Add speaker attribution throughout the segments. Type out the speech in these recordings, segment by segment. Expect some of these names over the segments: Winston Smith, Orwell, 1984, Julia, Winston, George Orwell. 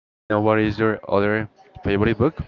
Speaker 1: let me know what is your other favorite book?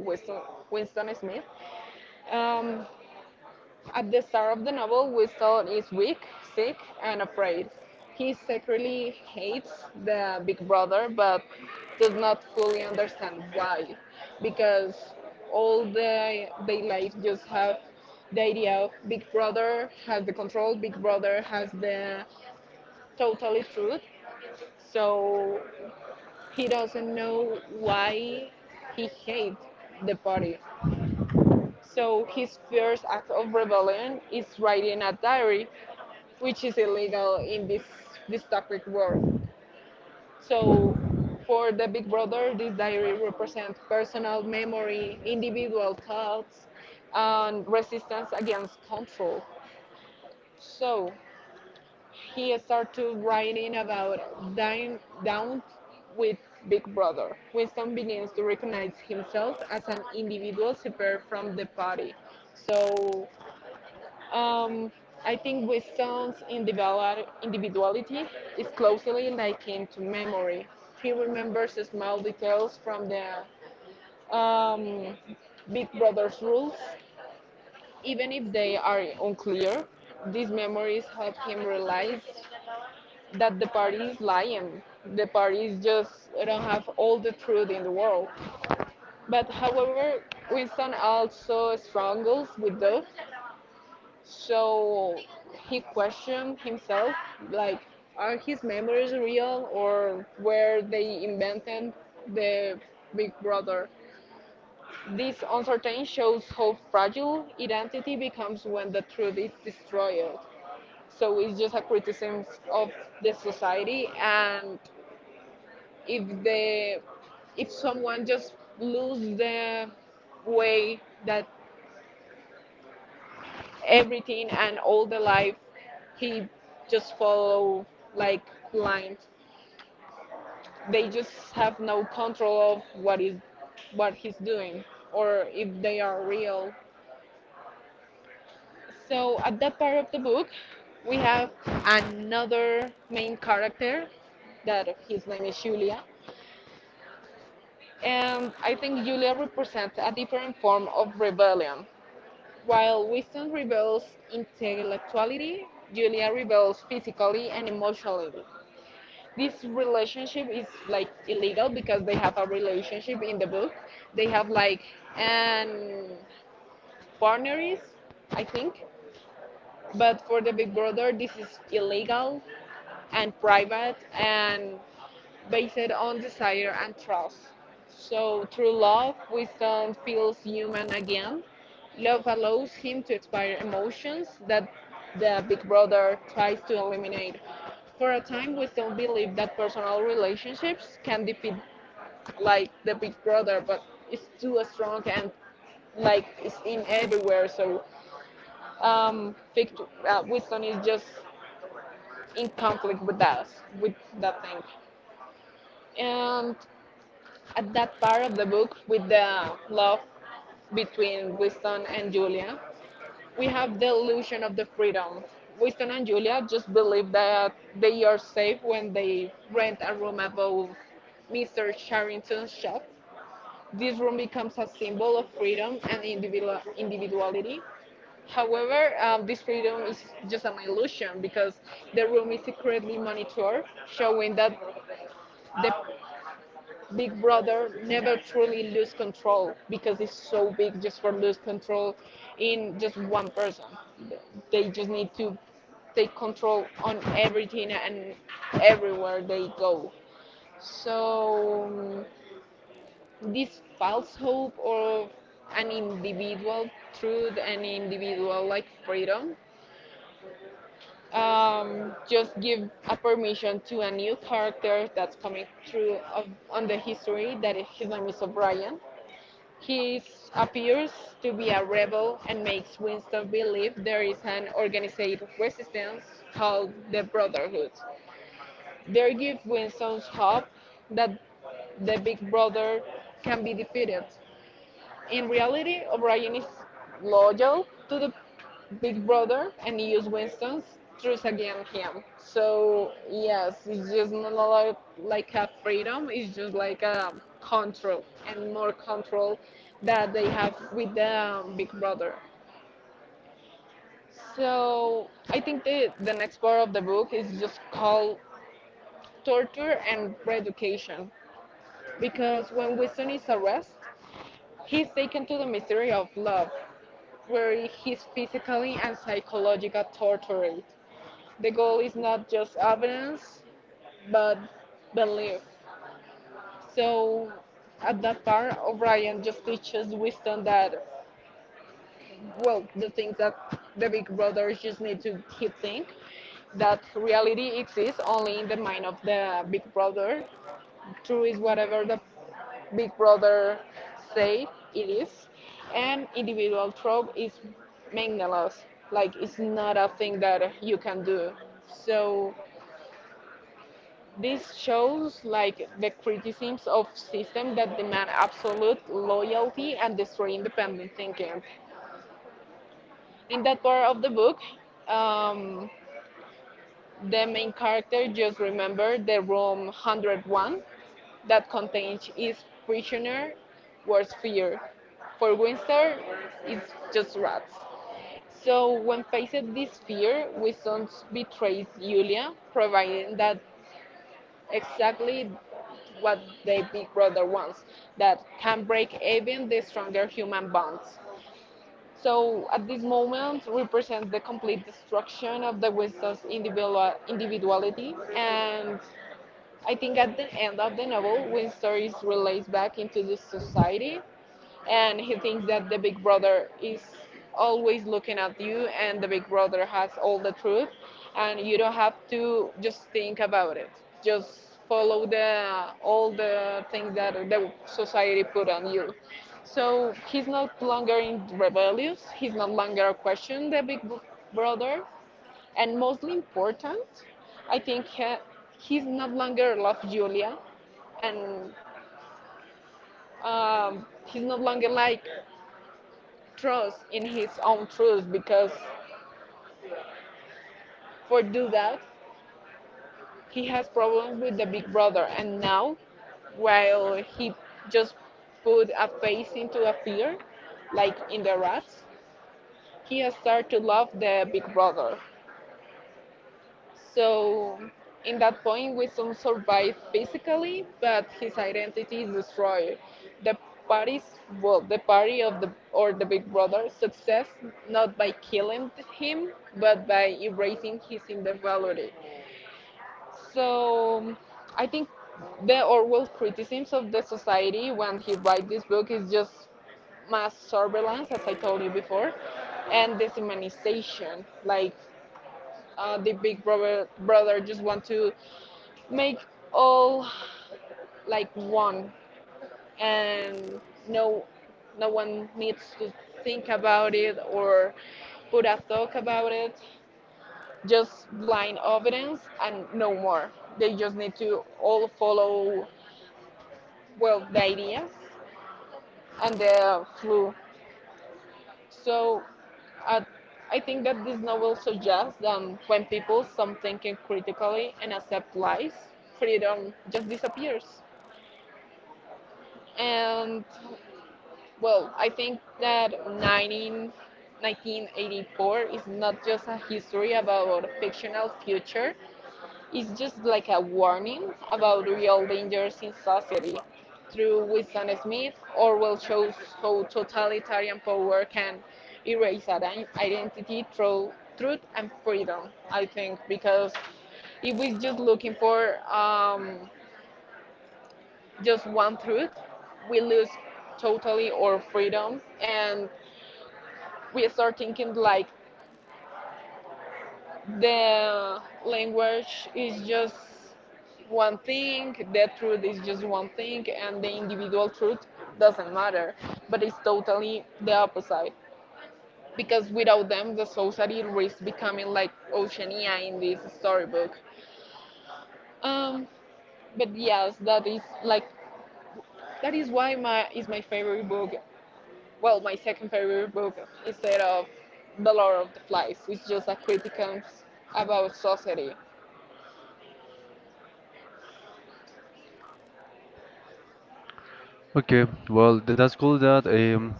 Speaker 1: Okay, well, that's cool that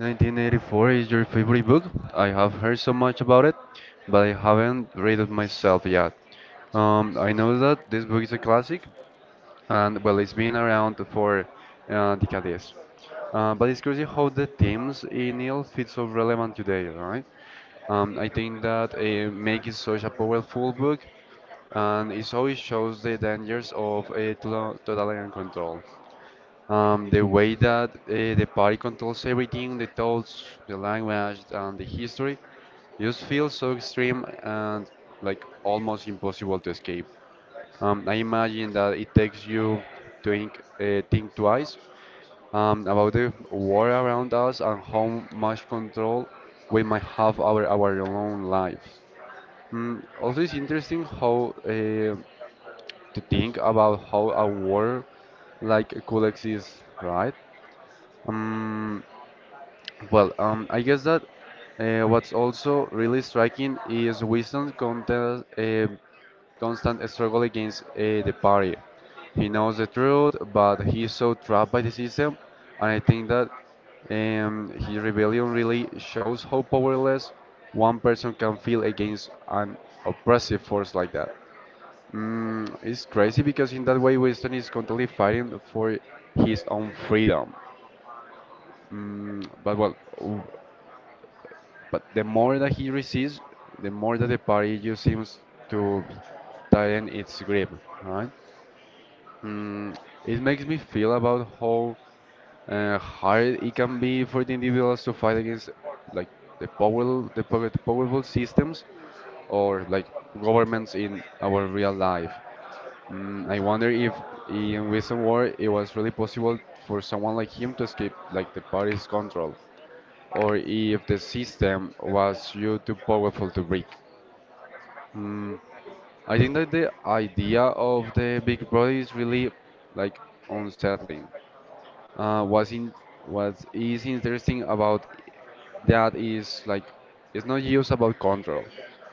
Speaker 1: 1984 is your favorite book. I have heard so much about it, but I haven't read it myself yet. I know that this book is a classic, and well, it's been around for decades. But it's crazy how the themes in it feel so relevant today, right? I think that make it such a powerful book, and it always shows the dangers of a totalitarian control. The way that the party controls everything, the thoughts, the language, and the history, just feels so extreme and like almost impossible to escape. I imagine that it takes you to think twice about the war around us and how much control we might have over our own lives. Mm, also, it's interesting how. To think about how a world like could exist, right? Um, I guess that what's also really striking is Winston's constant struggle against the party. He knows the truth, but he's so trapped by the system, and I think that his rebellion really shows how powerless one person can feel against an oppressive force like that. Mm, it's crazy because in that way Winston is constantly fighting for his own freedom. Mm, but well, but the more that he receives, the more that the party just seems to tighten its grip, right? Mm, it makes me feel about how hard it can be for the individuals to fight against like the powerful systems or like governments in our real life. Mm, I wonder if in recent war it was really possible for someone like him to escape like the party's control, or if the system was too powerful to break. Mm, I think that the idea of the big brother is really like unsettling. Uh, what's in what is interesting about that is like it's not just about control.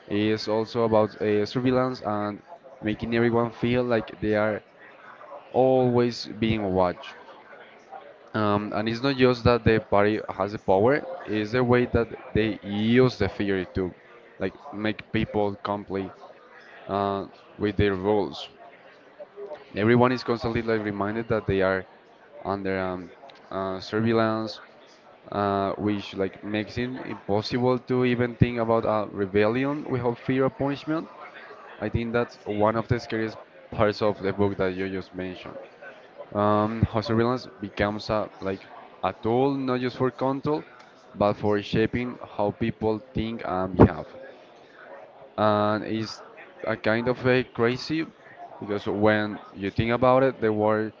Speaker 1: It's also about surveillance and making everyone feel like they are always being watched. And it's not just that the party has the power, it's the way that they use the theory to like make people comply uh, with their rules. Everyone is constantly like reminded that they are under surveillance, which like makes it impossible to even think about a rebellion without fear of punishment. I think that's one of the scariest parts of the book that you just mentioned. How surveillance becomes a like a tool not just for control, but for shaping how people think and behave. And it's a kind of a crazy because when you think about it, the world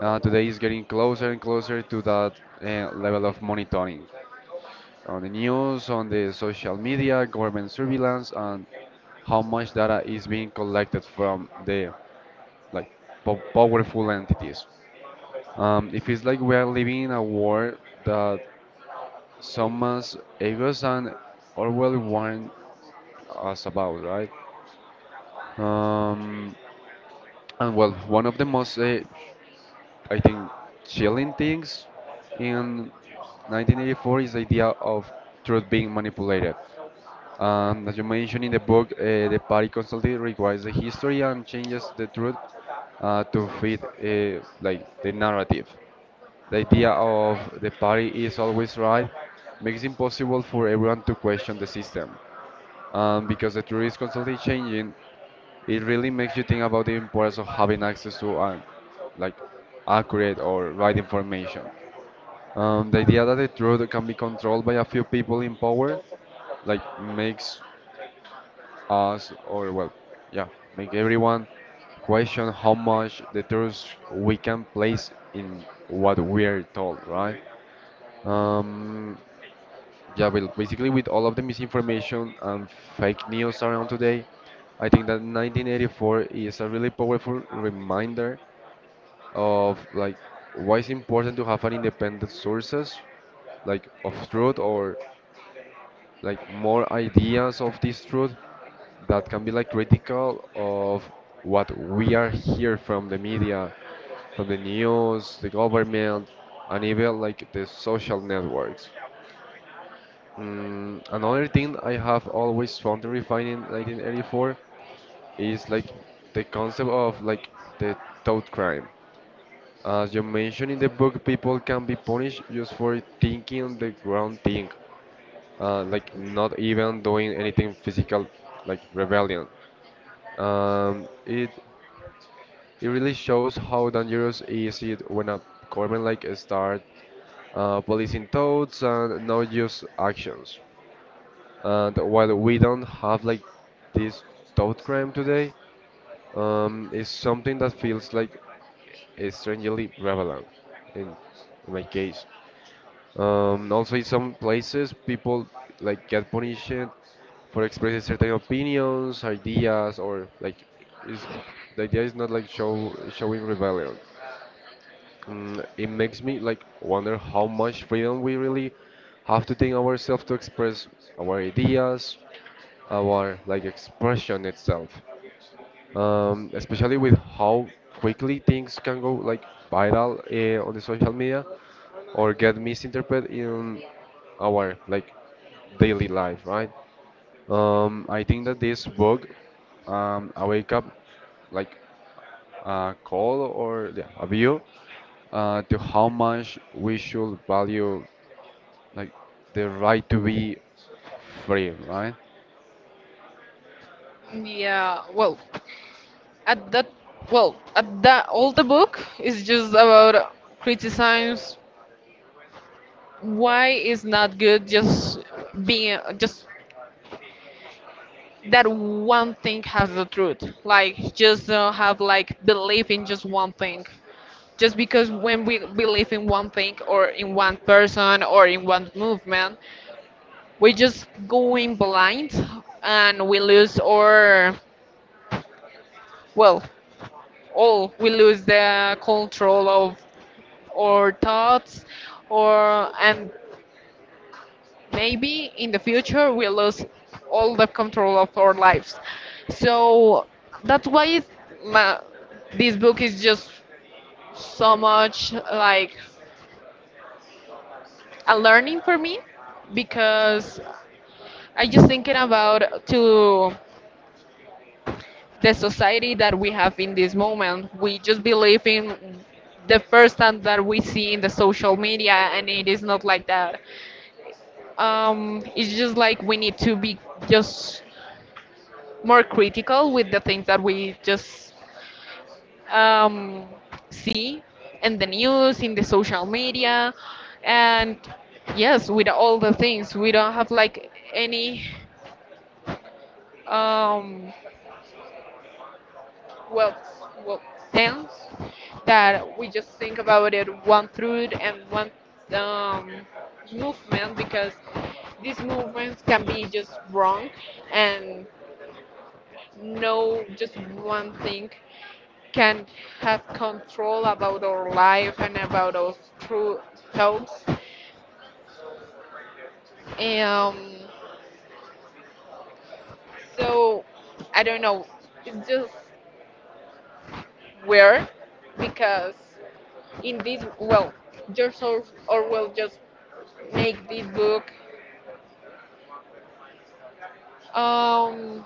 Speaker 1: today is getting closer and closer to that level of monitoring on the news, on the social media, government surveillance, and how much data is being collected from the like powerful entities. It feels like we are living in a world that someone's egos and Orwell warned us about, right? Um, and well, one of the most, I think, chilling things in 1984 is the idea of truth being manipulated. As you mentioned in the book, the party constantly rewrites the history and changes the truth to fit like the narrative. The idea of the party is always right makes it impossible for everyone to question the system. Because the truth is constantly changing, it really makes you think about the importance of having access to an, like accurate or right information. The idea that the truth can be controlled by a few people in power, like makes us or well, yeah, make everyone question how much the truth we can place in what we're told, right? Um, Yeah, well, basically with all of the misinformation and fake news around today, I think that 1984 is a really powerful reminder of like why it's important to have an independent sources like of truth or like more ideas of this truth that can be like critical of what we are here from the media, from the news, the government, and even like the social networks. Mm, another thing I have always found terrifying in 1984 is like the concept of like the thought crime. As you mentioned in the book, people can be punished just for thinking the wrong thing, like not even doing anything physical, like rebellion. Um, it it really shows how dangerous is it when a government like start policing thoughts and not just actions. And while we don't have like this thought crime today, it's something that feels like strangely prevalent in, in my case. Also, in some places, people like get punished for expressing certain opinions, ideas, or like is the idea is not like showing rebellion. Mm, it makes me like wonder how much freedom we really have to think ourselves to express our ideas, our like expression itself especially with how quickly things can go like viral on the social media or get misinterpreted in our like daily life, right? I think that this book a wake up like a call or yeah, a view to how much we should value like the right to be free, right?
Speaker 2: Yeah, well, at that, all the book is just about criticize why is not good just being just that one thing has the truth. Like just don't have like belief in just one thing. Just because when we believe in one thing or in one person or in one movement, we just going blind and we lose our well all we lose the control of or thoughts or and maybe in the future we lose all the control of our lives so that's why ma- this book is just so much like a learning for me because I just thinking about to the society that we have in this moment we just believe in the first time that we see in the social media and it is not like that. It's just like we need to be just more critical with the things that we just um, see in the news, in the social media, and yes, with all the things. We don't have like any um, well, well sense that we just think about it one through and one um, movement because these movements can be just wrong and no just one thing can have control about our life and about our true thoughts. Um, so I don't know. It's just weird because in this George Or- Orwell just make this book um,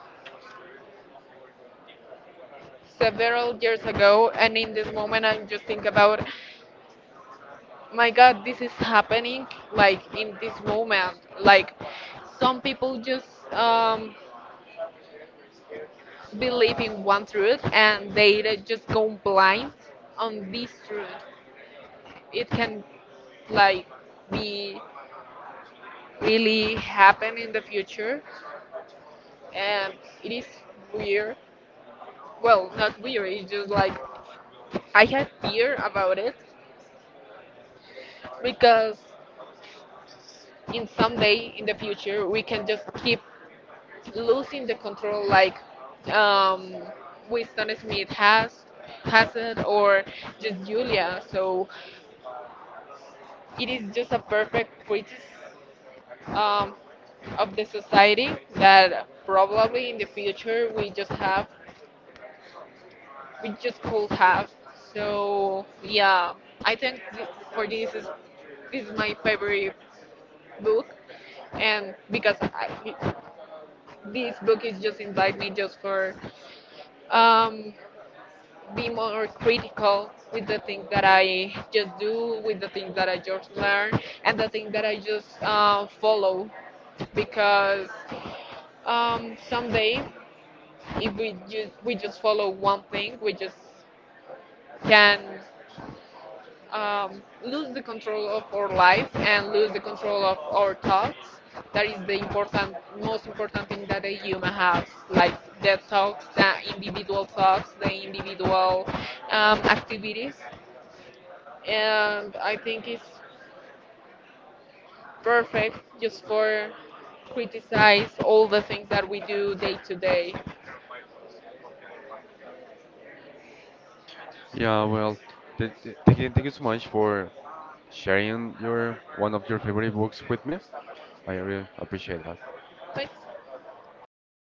Speaker 2: several years ago, and in this moment I just think about my god this is happening like in this moment like some people just believe in one truth and they just go blind on this truth. It can like be really happen in the future and it is weird, well not weird it's just like I had fear about it because in some day in the future we can just keep losing the control like um, Winston Smith has it or just Julia. So it is just a perfect critic um, of the society that probably in the future we just could have. So yeah, I for this is my favorite book and because this book is just invite me just for um be more critical with the things that I just do, with the things that I just learn, and the things that I just follow. Because someday, if we just follow one thing, we just can lose the control of our life and lose the control of our thoughts. That is most important thing that a human has, like the thoughts, the individual activities and I think it's perfect just for criticize all the things that we do day to day.
Speaker 1: Yeah, well, thank you so much for sharing your one of your favorite books with me. I really appreciate that.
Speaker 2: Thanks.